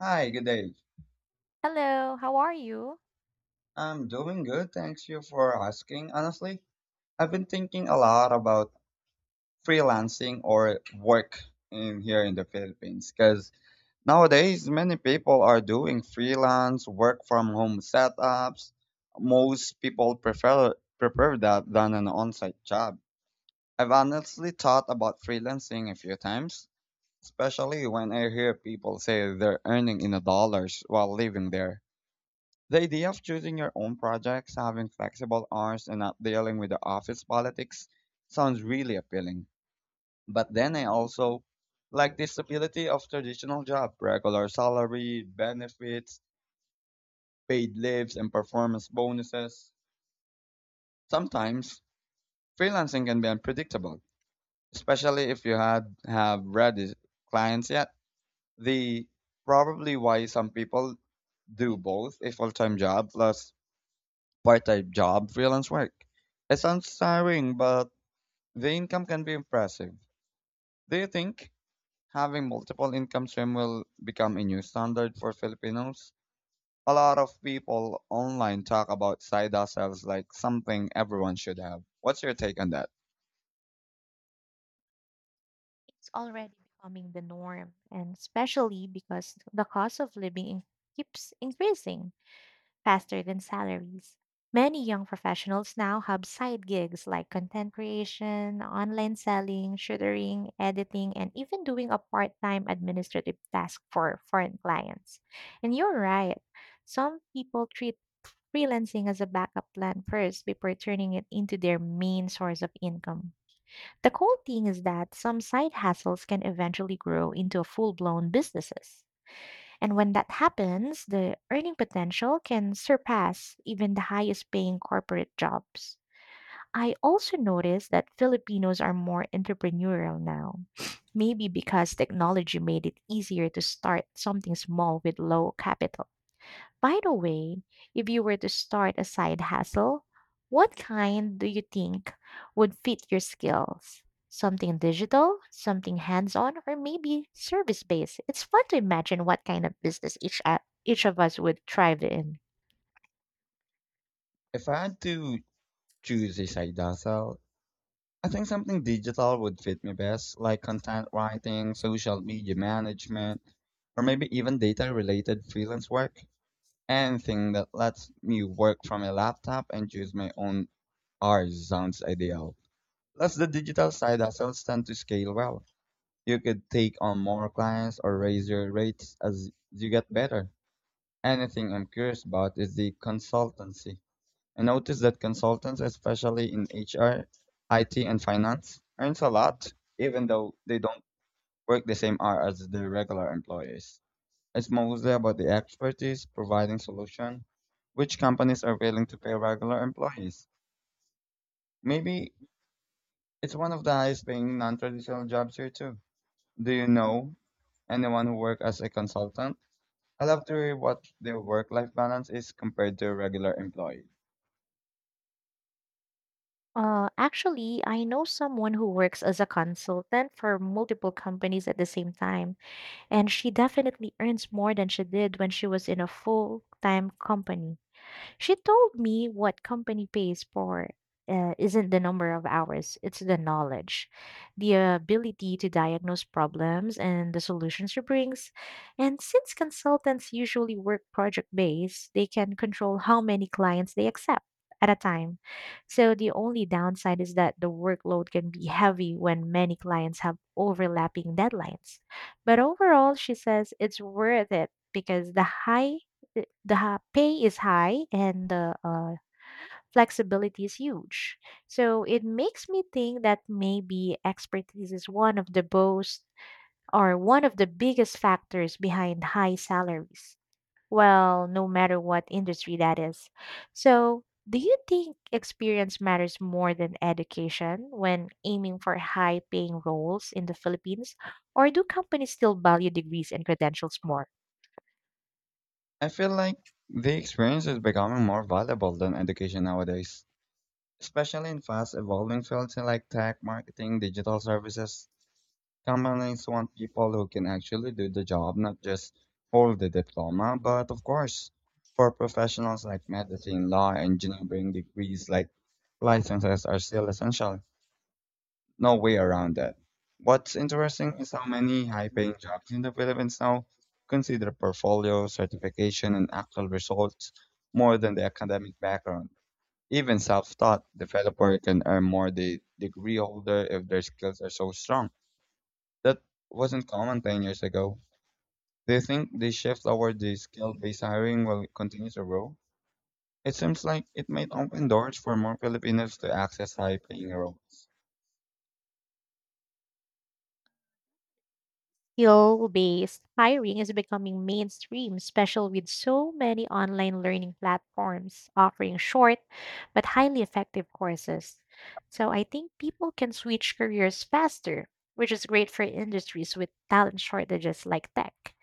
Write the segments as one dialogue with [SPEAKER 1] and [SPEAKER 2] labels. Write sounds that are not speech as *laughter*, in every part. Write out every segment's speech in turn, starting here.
[SPEAKER 1] Hi, good day.
[SPEAKER 2] Hello, how are you?
[SPEAKER 1] I'm doing good. Thanks you for asking. Honestly, I've been thinking a lot about freelancing or work in here in the Philippines because nowadays many people are doing freelance work from home setups. Most people prefer that than an on-site job. I've honestly thought about freelancing a few times, especially when I hear people say they're earning in the dollars while living there. The idea of choosing your own projects, having flexible hours, and not dealing with the office politics sounds really appealing. But then I also like the stability of traditional job, regular salary, benefits, paid leaves, and performance bonuses. Sometimes freelancing can be unpredictable, especially if you had have ready clients yet. The probably why some people do both a full-time job plus Part-time job, freelance work. It sounds tiring, but the income can be impressive. Do you think having multiple income stream will become a new standard for Filipinos? A lot of people online talk about side hustles like something everyone should have. What's your take on that?
[SPEAKER 2] It's already becoming the norm, and especially because the cost of living keeps increasing faster than salaries. Many young professionals now have side gigs like content creation, online selling, tutoring, editing, and even doing a part time administrative task for foreign clients. And you're right, some people treat freelancing as a backup plan first before turning it into their main source of income. The cool thing is that some side hustles can eventually grow into full blown businesses. And when that happens, the earning potential can surpass even the highest paying corporate jobs. I also noticed that Filipinos are more entrepreneurial now, *sniffs* maybe because technology made it easier to start something small with low capital. By the way, if you were to start a side hustle, what kind do you think would fit your skills? Something digital, something hands on, or maybe service based? It's fun to imagine what kind of business each of us would thrive in.
[SPEAKER 1] If I had to choose a side hustle, I think something digital would fit me best, like content writing, social media management, or maybe even data related freelance work. Anything that lets me work from a laptop and choose my own hours sounds ideal. Plus, the digital side hustles tend to scale well. You could take on more clients or raise your rates as you get better. Anything I'm curious about is the consultancy. I noticed that consultants, especially in HR, IT, and finance, earns a lot, even though they don't work the same hour as their regular employees. It's mostly about the expertise providing solution, which companies are willing to pay regular employees. Maybe it's one of the highest paying non-traditional jobs here too. Do you know anyone who work as a consultant? I love to hear what their work-life balance is compared to a regular employee.
[SPEAKER 2] Actually, I know someone who works as a consultant for multiple companies at the same time, and she definitely earns more than she did when she was in a full time company. She told me what company pays for isn't the number of hours, it's the knowledge, the ability to diagnose problems and the solutions it brings. And since consultants usually work project based, they can control how many clients they accept at a time. So the only downside is that the workload can be heavy when many clients have overlapping deadlines. But overall, she says it's worth it because the pay is high and the flexibility is huge. So it makes me think that maybe expertise is one of the most or one of the biggest factors behind high salaries. Well, no matter what industry that is. So, do you think experience matters more than education when aiming for high paying roles in the Philippines? Or do companies still value degrees and credentials more?
[SPEAKER 1] I feel like the experience is becoming more valuable than education nowadays, especially in fast evolving fields like tech, marketing, digital services. Companies want people who can actually do the job, not just hold the diploma. But of course, for professionals like medicine, law, engineering, degrees like licenses are still essential. No way around that. What's interesting is how many high paying jobs in the Philippines now consider portfolio, certification, and actual results more than the academic background. Even self taught developer can earn more the degree holder if their skills are so strong. That wasn't common 10 years ago. Do you think the shift toward the skill-based hiring will continue to grow? It seems like it might open doors for more Filipinos to access high-paying roles.
[SPEAKER 2] Skill based hiring is becoming mainstream, especially with so many online learning platforms offering short but highly effective courses. So I think people can switch careers faster, which is great for industries with talent shortages like tech.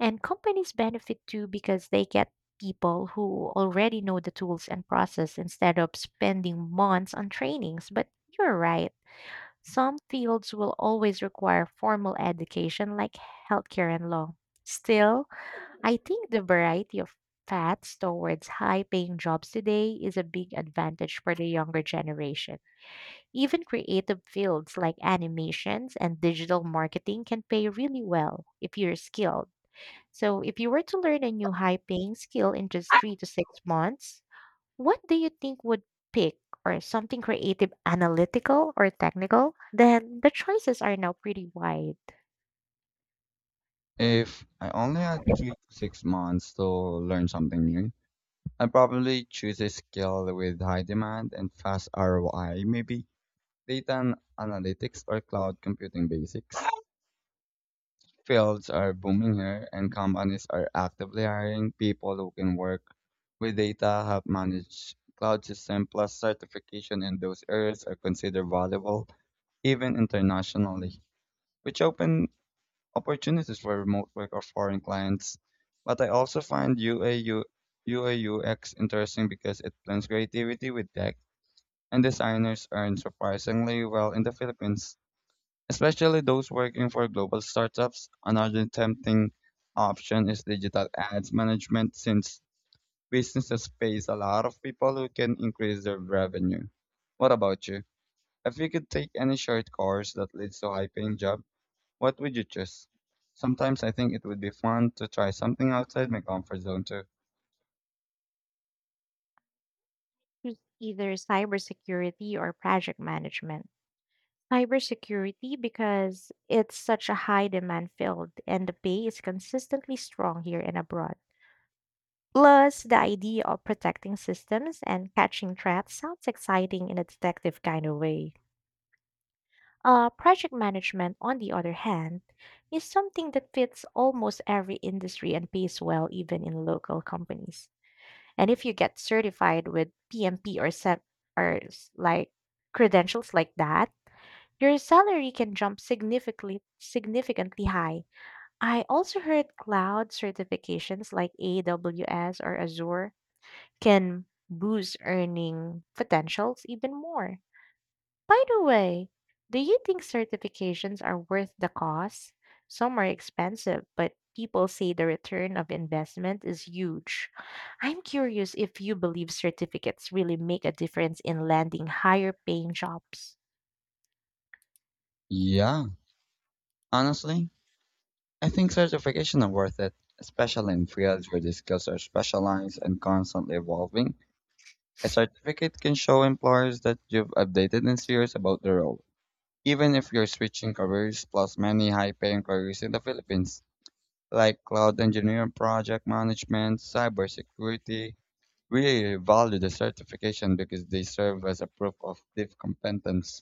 [SPEAKER 2] And companies benefit too because they get people who already know the tools and process instead of spending months on trainings. But you're right. Some fields will always require formal education like healthcare and law. Still, I think the variety of paths towards high paying jobs today is a big advantage for the younger generation. Even creative fields like animations and digital marketing can pay really well if you're skilled. So, if you were to learn a new high paying skill in just 3 to 6 months, what do you think would pick or something creative, analytical, or technical? Then the choices are now pretty wide.
[SPEAKER 1] If I only had 3 to 6 months to learn something new, I'd probably choose a skill with high demand and fast ROI, maybe analytics or cloud computing basics. Fields are booming here, and companies are actively hiring people who can work with data, help manage cloud system, plus certification in those areas are considered valuable even internationally, which open opportunities for remote work or foreign clients. But I also find UAU, interesting because it blends creativity with tech, and designers earn surprisingly well in the Philippines. Especially those working for global startups, another tempting option is digital ads management since businesses pays a lot of people who can increase their revenue. What about you? If you could take any short course that leads to a high paying job, what would you choose? Sometimes I think it would be fun to try something outside my comfort zone too.
[SPEAKER 2] Choose either cybersecurity or project management. Cybersecurity because it's such a high demand field and the pay is consistently strong here and abroad. Plus, the idea of protecting systems and catching threats sounds exciting in a detective kind of way. Project management, on the other hand, is something that fits almost every industry and pays well even in local companies. And if you get certified with PMP or set or like credentials like that, your salary can jump significantly high. I also heard cloud certifications like AWS or Azure can boost earning potentials even more. By the way, do you think certifications are worth the cost? Some are expensive, but people say the return of investment is huge. I'm curious if you believe certificates really make a difference in landing higher paying jobs.
[SPEAKER 1] Yeah, honestly, I think certification are worth it, especially in fields where the skills are specialized and constantly evolving. A certificate can show employers that you've updated and serious about the role, even if you're switching careers plus many high-paying careers in the Philippines, like cloud engineering, project management, cybersecurity. Really value the certification because they serve as a proof of deep competence.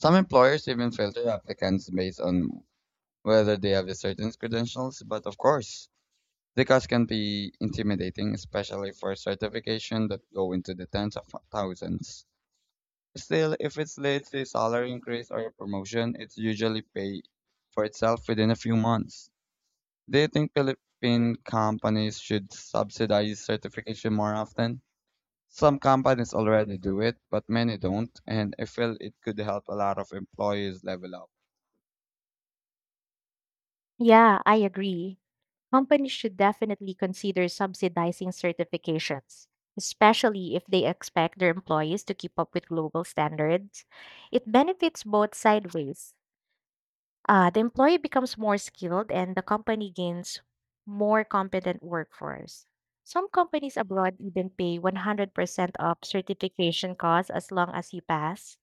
[SPEAKER 1] Some employers even filter applicants based on whether they have the certain credentials, but of course, the cost can be intimidating, especially for certification that go into the tens of thousands. Still, if it leads to a salary increase or a promotion, it usually pay for itself within a few months. Do you think Philippine companies should subsidize certification more often? Some companies already do it, but many don't, and I feel it could help a lot of employees level up.
[SPEAKER 2] Yeah, I agree. Companies should definitely consider subsidizing certifications, especially if they expect their employees to keep up with global standards. It benefits both sideways. The employee becomes more skilled and the company gains more competent workforce. Some companies abroad even pay 100% of certification costs as long as you pass.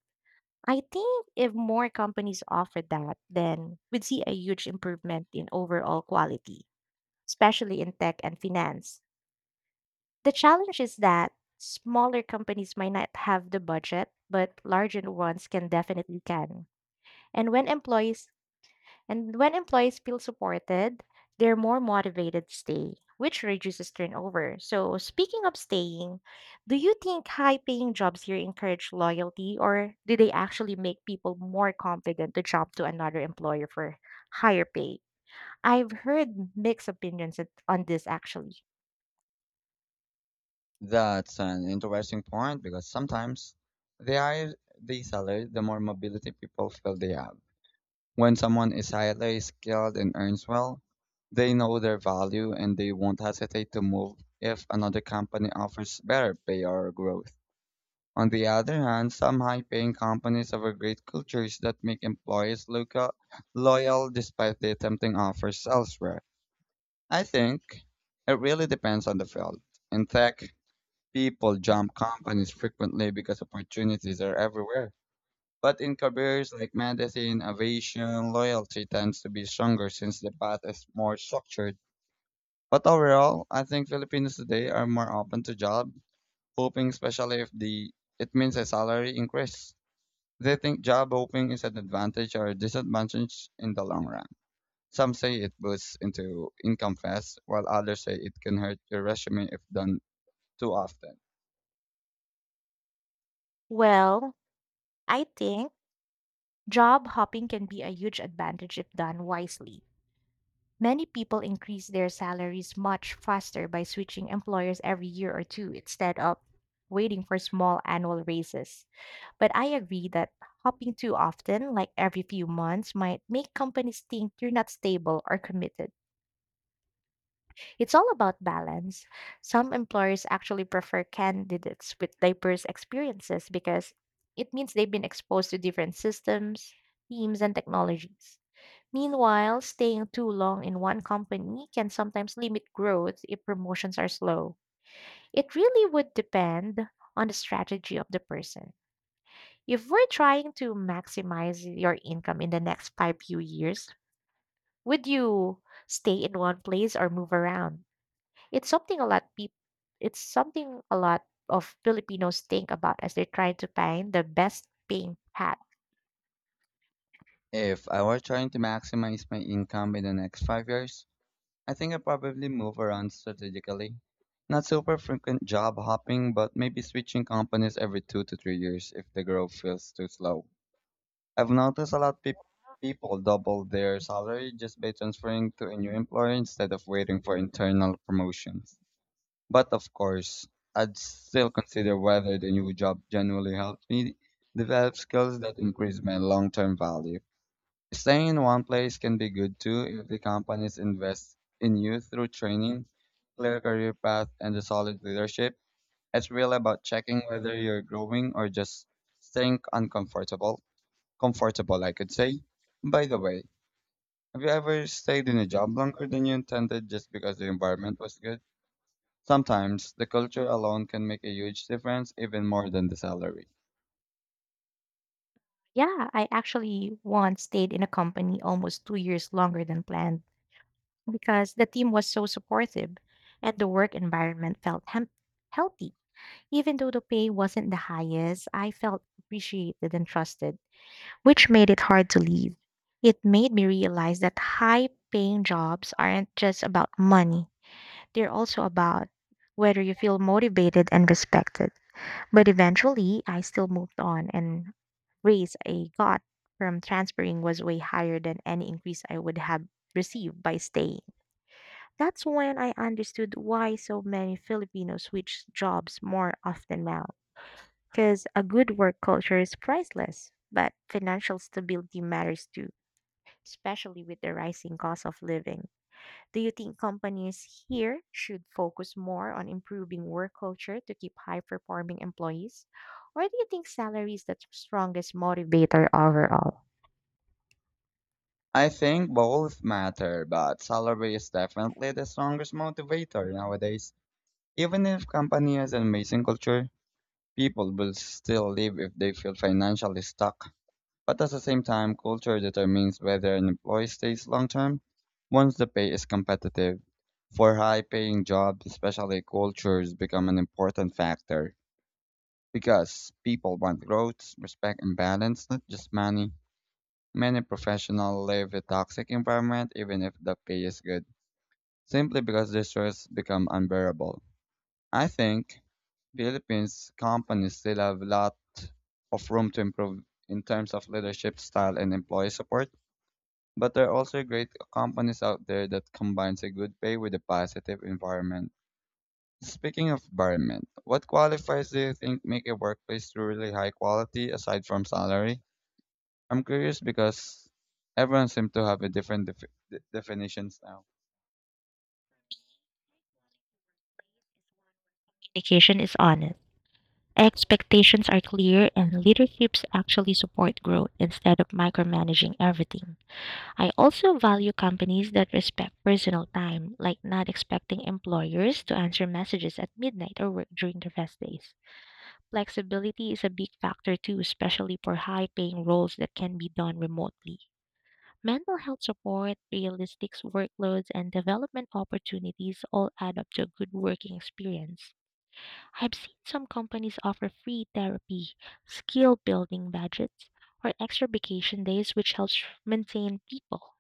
[SPEAKER 2] I think if more companies offer that, then we'd see a huge improvement in overall quality, especially in tech and finance. The challenge is that smaller companies might not have the budget, but larger ones can definitely can. And when employees and when employees feel supported, they're more motivated to stay, which reduces turnover. So, speaking of staying, do you think high paying jobs here encourage loyalty or do they actually make people more confident to jump to another employer for higher pay? I've heard mixed opinions on this actually.
[SPEAKER 1] That's an interesting point because sometimes the higher the salary, the more mobility people feel they have. When someone is highly skilled and earns well, they know their value and they won't hesitate to move if another company offers better pay or growth. On the other hand, some high paying companies offer great cultures that make employees look loyal despite the tempting offers elsewhere. I think it really depends on the field. In tech, people jump companies frequently because opportunities are everywhere. But in careers like medicine, aviation, loyalty tends to be stronger since the path is more structured. But overall, I think Filipinos today are more open to job hoping, especially if the it means a salary increase. They think job hoping is an advantage or a disadvantage in the long run. Some say it boosts into income fast, while others say it can hurt your resume if done too often.
[SPEAKER 2] Well, I think job hopping can be a huge advantage if done wisely. Many people increase their salaries much faster by switching employers every year or two instead of waiting for small annual raises. But I agree that hopping too often, like every few months, might make companies think you're not stable or committed. It's all about balance. Some employers actually prefer candidates with diverse experiences because it means they've been exposed to different systems, teams, and technologies. Meanwhile, staying too long in one company can sometimes limit growth if promotions are slow. It really would depend on the strategy of the person. If we're trying to maximize your income in the next five few years, would you stay in one place or move around? It's something a lot peop it's something a lot of Filipinos think about as they're trying to find the best paying path.
[SPEAKER 1] If I were trying to maximize my income in the next 5 years, I think I probably move around strategically. Not super frequent job hopping, but maybe switching companies every 2 to 3 years if the growth feels too slow. I've noticed a lot of peop people double their salary just by transferring to a new employer instead of waiting for internal promotions. But of course, I'd still consider whether the new job genuinely helps me develop skills that increase my long-term value. Staying in one place can be good too if the companies invest in you through training, clear career path, and a solid leadership. It's really about checking whether you're growing or just staying uncomfortable. Comfortable, I could say. By the way, have you ever stayed in a job longer than you intended just because the environment was good? Sometimes the culture alone can make a huge difference, even more than the salary.
[SPEAKER 2] Yeah, I actually once stayed in a company almost 2 years longer than planned because the team was so supportive and the work environment felt healthy. Even though the pay wasn't the highest, I felt appreciated and trusted, which made it hard to leave. It made me realize that high paying jobs aren't just about money, they're also about whether you feel motivated and respected. But eventually, I still moved on and raise I got from transferring was way higher than any increase I would have received by staying. That's when I understood why so many Filipinos switch jobs more often now. Because a good work culture is priceless, but financial stability matters too, especially with the rising cost of living. Do you think companies here should focus more on improving work culture to keep high performing employees? Or do you think salary is the strongest motivator overall?
[SPEAKER 1] I think both matter, but salary is definitely the strongest motivator nowadays. Even if company has an amazing culture, people will still leave if they feel financially stuck. But at the same time, culture determines whether an employee stays long term once the pay is competitive. For high paying jobs, especially cultures become an important factor because people want growth, respect, and balance, not just money. Many professionals live a toxic environment even if the pay is good, simply because the stress becomes unbearable. I think Philippines companies still have a lot of room to improve in terms of leadership style and employee support, but there are also great companies out there that combines a good pay with a positive environment. Speaking of environment, what qualifiers do you think make a workplace truly high quality aside from salary? I'm curious because everyone seems to have a different definitions now.
[SPEAKER 2] Indication is honest. Expectations are clear and leaderships actually support growth instead of micromanaging everything. I also value companies that respect personal time, like not expecting employers to answer messages at midnight or work during the rest days. Flexibility is a big factor too, especially for high paying roles that can be done remotely. Mental health support, realistic workloads, and development opportunities all add up to a good working experience. I've seen some companies offer free therapy, skill building budgets, or extra vacation days, which helps maintain people.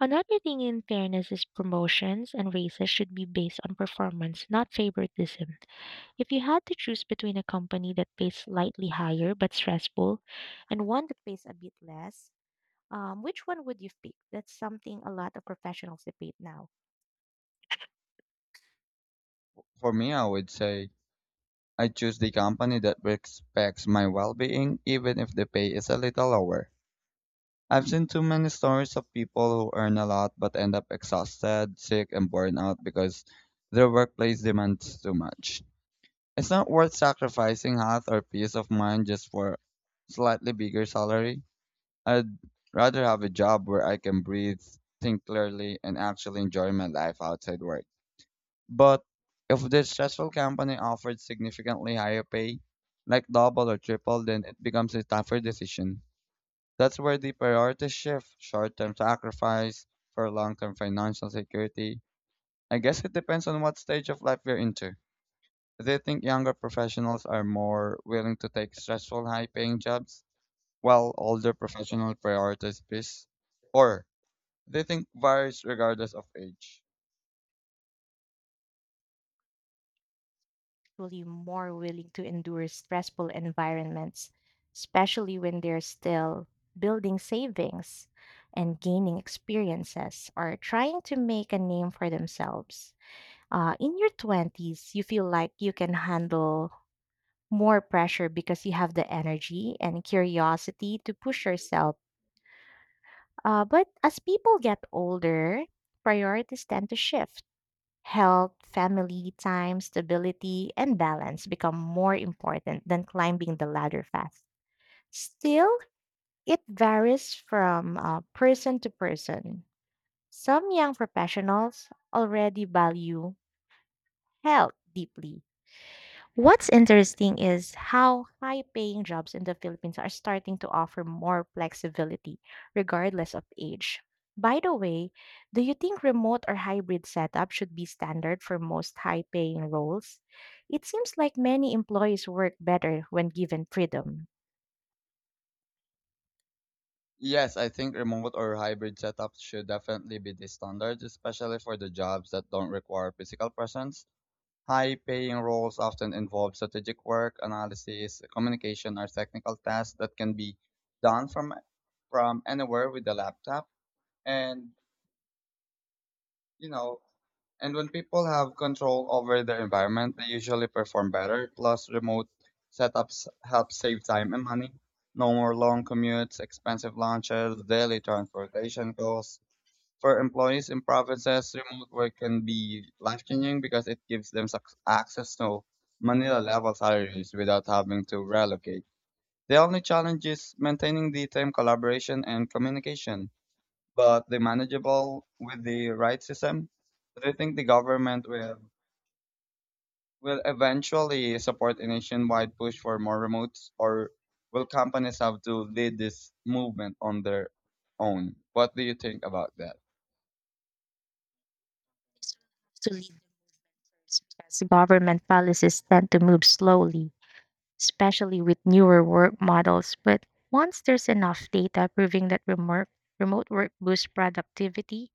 [SPEAKER 2] Another thing in fairness is promotions and raises should be based on performance, not favoritism. If you had to choose between a company that pays slightly higher but stressful and one that pays a bit less, which one would you pick? That's something a lot of professionals debate now.
[SPEAKER 1] For me, I would say I choose the company that respects my well-being even if the pay is a little lower. I've seen too many stories of people who earn a lot but end up exhausted, sick, and burned out because their workplace demands too much. It's not worth sacrificing health or peace of mind just for slightly bigger salary. I'd rather have a job where I can breathe, think clearly, and actually enjoy my life outside work. But if the stressful company offered significantly higher pay, like double or triple, then it becomes a tougher decision. That's where the priorities shift short term sacrifice for long term financial security. I guess it depends on what stage of life you're into. Do you think younger professionals are more willing to take stressful, high paying jobs while older professionals prioritize peace? Or do you think varies regardless of age?
[SPEAKER 2] Actually more willing to endure stressful environments, especially when they're still building savings and gaining experiences or trying to make a name for themselves. In your 20s, you feel like you can handle more pressure because you have the energy and curiosity to push yourself. But as people get older, priorities tend to shift. Health, family, time, stability, and balance become more important than climbing the ladder fast. Still, it varies from person to person. Some young professionals already value health deeply. What's interesting is how high paying jobs in the Philippines are starting to offer more flexibility, regardless of age. By the way, do you think remote or hybrid setup should be standard for most high paying roles? It seems like many employees work better when given freedom.
[SPEAKER 1] Yes, I think remote or hybrid setups should definitely be the standard, especially for the jobs that don't require physical presence. High paying roles often involve strategic work, analysis, communication, or technical tasks that can be done from anywhere with a laptop. And you know, and when people have control over their environment, they usually perform better. Plus, remote setups help save time and money. No more long commutes, expensive lunches, daily transportation costs for employees in provinces, remote work can be life changing because it gives them access to Manila level salaries without having to relocate. The only challenge is maintaining the team collaboration and communication, but they manageable with the right system. Do you think the government will eventually support a nationwide push for more remotes, or will companies have to lead this movement on their own? What do you think about that?
[SPEAKER 2] To lead because government policies tend to move slowly, especially with newer work models. But once there's enough data proving that remote work boosts productivity,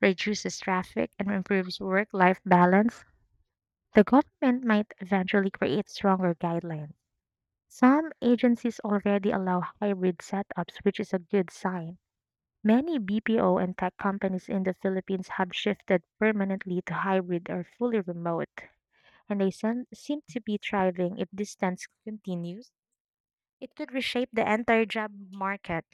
[SPEAKER 2] reduces traffic, and improves work life balance, the government might eventually create stronger guidelines. Some agencies already allow hybrid setups, which is a good sign. Many BPO and tech companies in the Philippines have shifted permanently to hybrid or fully remote, and they seem to be thriving if this trend continues. It could reshape the entire job market.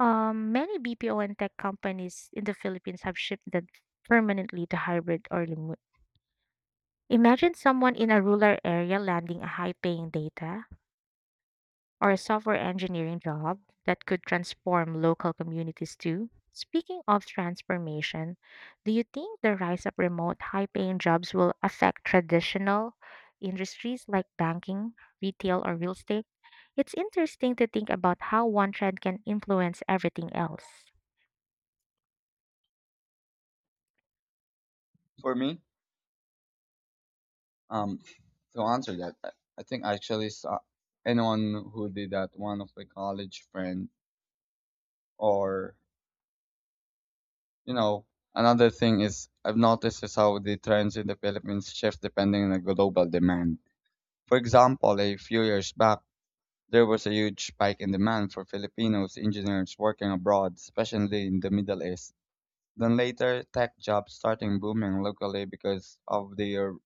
[SPEAKER 2] Many BPO and tech companies in the Philippines have shifted permanently to hybrid or remote. Imagine someone in a rural area landing a high paying data or a software engineering job that could transform local communities too. Speaking of transformation, do you think the rise of remote high paying jobs will affect traditional industries like banking, retail, or real estate? It's interesting to think about how one trend can influence everything else.
[SPEAKER 1] For me, Um, to answer that, I think I actually saw anyone who did that, one of my college friend, or you know, Another thing is I've noticed is how the trends in the Philippines shift depending on the global demand. For example, a few years back, there was a huge spike in demand for Filipinos engineers working abroad, especially in the Middle East. Then later, tech jobs starting booming locally because of the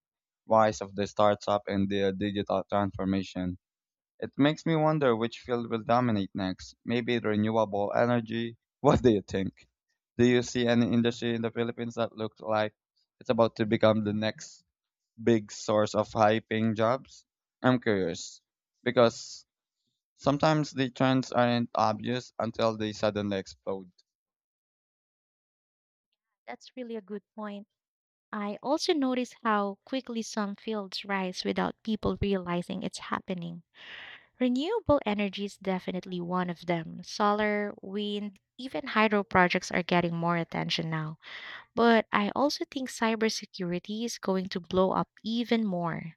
[SPEAKER 1] rise of the startup and the digital transformation. It makes me wonder which field will dominate next. Maybe renewable energy. *laughs* What do you think? Do you see any industry in the Philippines that looks like it's about to become the next big source of high paying jobs? I'm curious because sometimes the trends aren't obvious until they suddenly explode.
[SPEAKER 2] That's really a good point. I also notice how quickly some fields rise without people realizing it's happening. Renewable energy is definitely one of them. Solar, wind, even hydro projects are getting more attention now. But I also think cybersecurity is going to blow up even more.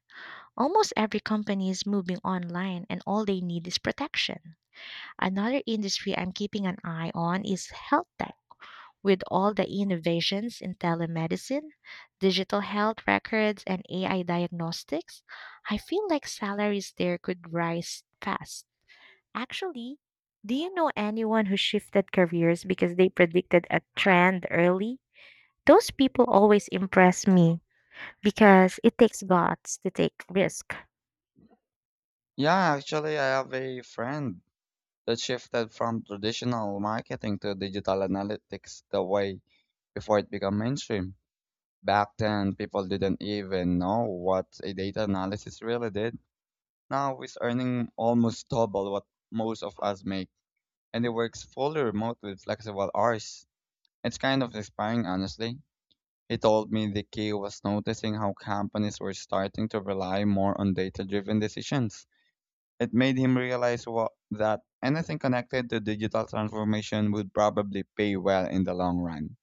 [SPEAKER 2] Almost every company is moving online, and all they need is protection. Another industry I'm keeping an eye on is health tech. With all the innovations in telemedicine, digital health records, and AI diagnostics, I feel like salaries there could rise fast. Actually, do you know anyone who shifted careers because they predicted a trend early? Those people always impress me because it takes guts to take risk.
[SPEAKER 1] Yeah, actually, I have a friend that shifted from traditional marketing to digital analytics the way before it became mainstream. Back then, people didn't even know what a data analysis really did. Now it's earning almost double what most of us make, and it works fully remote with flexible hours. It's kind of inspiring, honestly. He told me the key was noticing how companies were starting to rely more on data driven decisions. It made him realize what, that anything connected to digital transformation would probably pay well in the long run.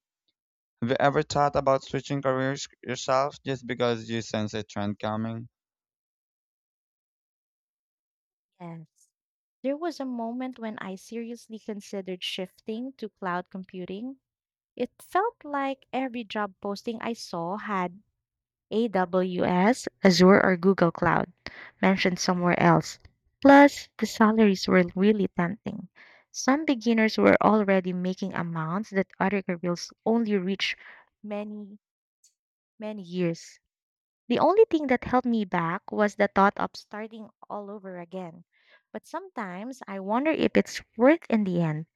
[SPEAKER 1] Have you ever thought about switching careers yourself just because you sense a trend coming?
[SPEAKER 2] Yes. There was a moment when I seriously considered shifting to cloud computing. It felt like every job posting I saw had AWS, Azure, or Google Cloud mentioned somewhere else. Plus, the salaries were really tempting. Some beginners were already making amounts that other careers only reach many, many years. The only thing that held me back was the thought of starting all over again. But sometimes I wonder if it's worth in the end.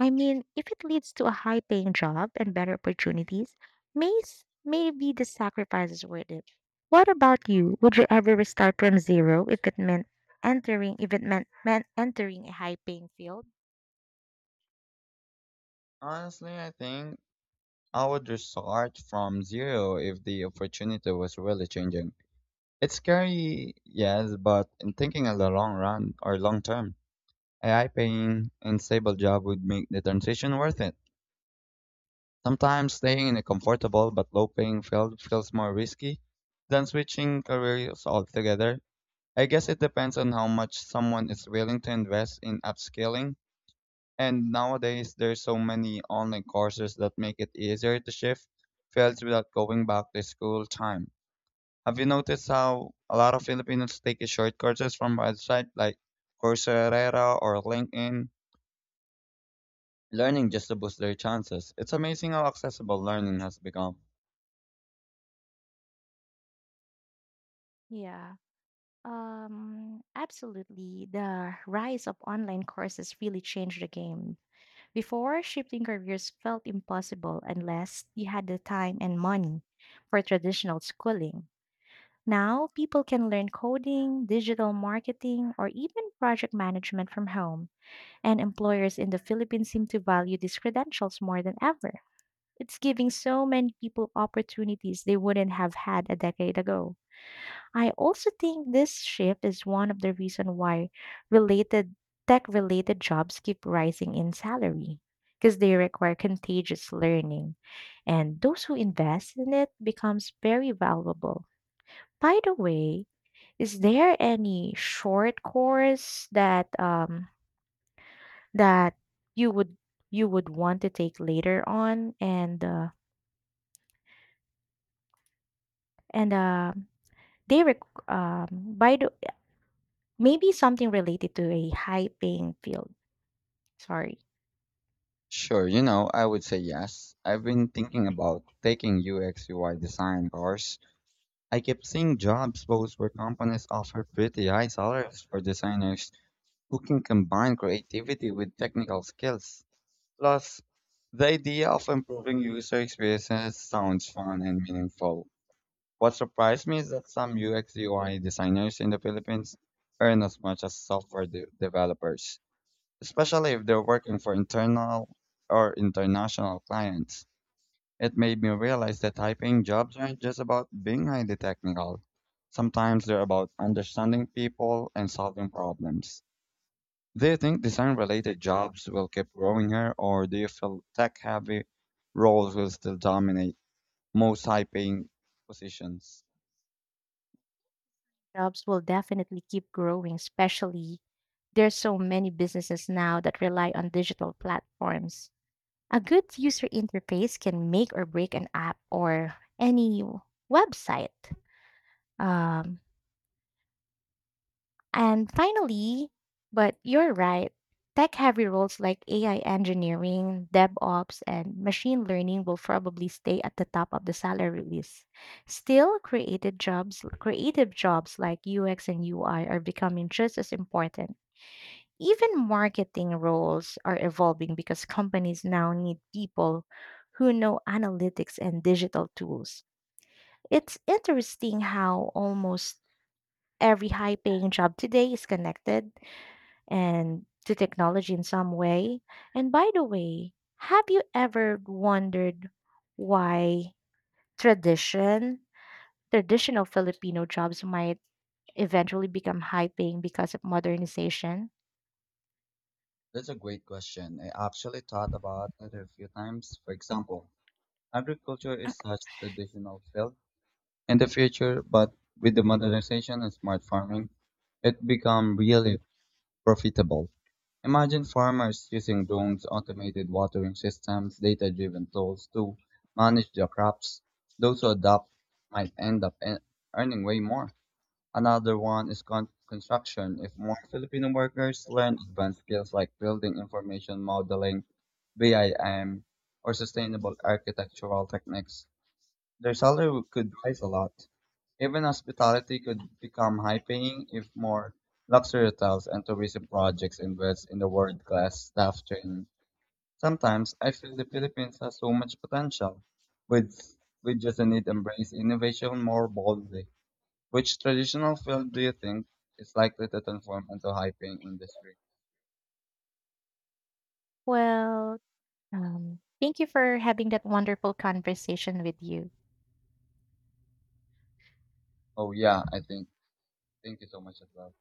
[SPEAKER 2] I mean, if it leads to a high paying job and better opportunities, maybe the sacrifice is worth it. What about you? Would you ever restart from zero if it meant entering if it meant, meant entering a high paying field?
[SPEAKER 1] Honestly, I think I would start from zero if the opportunity was really changing. It's scary, yes, but in thinking of the long run or long term, AI paying and stable job would make the transition worth it. Sometimes staying in a comfortable but low paying field feels more risky than switching careers altogether. I guess it depends on how much someone is willing to invest in upskilling. And nowadays, there's so many online courses that make it easier to shift fields without going back to school time. Have you noticed how a lot of Filipinos take short courses from websites like Coursera or LinkedIn, learning just to boost their chances? It's amazing how accessible learning has become.
[SPEAKER 2] Yeah, absolutely. The rise of online courses really changed the game. Before, shifting careers felt impossible unless you had the time and money for traditional schooling. Now, people can learn coding, digital marketing, or even project management from home, and employers in the Philippines seem to value these credentials more than ever. It's giving so many people opportunities they wouldn't have had a decade ago. I also think this shift is one of the reason why related tech-related jobs keep rising in salary because they require contagious learning, and those who invest in it becomes very valuable. By the way, is there any short course that that you would you would want to take later on and they rec- by the maybe something related to a high paying field. Sorry.
[SPEAKER 1] Sure, you know, I would say yes. I've been thinking about taking UX UI design course. I keep seeing jobs posts where companies offer pretty high salaries for designers who can combine creativity with technical skills. Plus, the idea of improving user experiences sounds fun and meaningful. What surprised me is that some UX UI designers in the Philippines earn as much as software developers, especially if they're working for internal or international clients. It made me realize that high paying jobs aren't just about being highly technical. Sometimes they're about understanding people and solving problems. Do you think design-related jobs will keep growing here, or do you feel tech-heavy roles will still dominate most high-paying positions?
[SPEAKER 2] Jobs will definitely keep growing, especially there's so many businesses now that rely on digital platforms. A good user interface can make or break an app or any website. Um, And finally, but you're right, tech heavy roles like AI engineering, DevOps, and machine learning will probably stay at the top of the salary list. Still, creative jobs like UX and UI are becoming just as important. Even marketing roles are evolving because companies now need people who know analytics and digital tools. It's interesting how almost every high paying job today is connected and to technology in some way. And by the way, have you ever wondered why tradition, traditional Filipino jobs might eventually become high paying because of modernization?
[SPEAKER 1] That's a great question. I actually thought about it a few times. For example, agriculture is such a traditional field in the future, but with the modernization and smart farming, it become really profitable. Imagine farmers using drones, automated watering systems, data-driven tools to manage their crops. Those who adopt might end up earning way more. Another one is construction. If more Filipino workers learn advanced skills like building information modeling, BIM, or sustainable architectural techniques, their salary could rise a lot. Even hospitality could become high paying if more luxury hotels and tourism projects invest in the world class staff training. Sometimes I feel the Philippines has so much potential. With we just need to embrace innovation more boldly. Which traditional field do you think is likely to transform into high paying industry?
[SPEAKER 2] Well, thank you for having that wonderful conversation with you.
[SPEAKER 1] Oh yeah, I think. Thank you so much as well.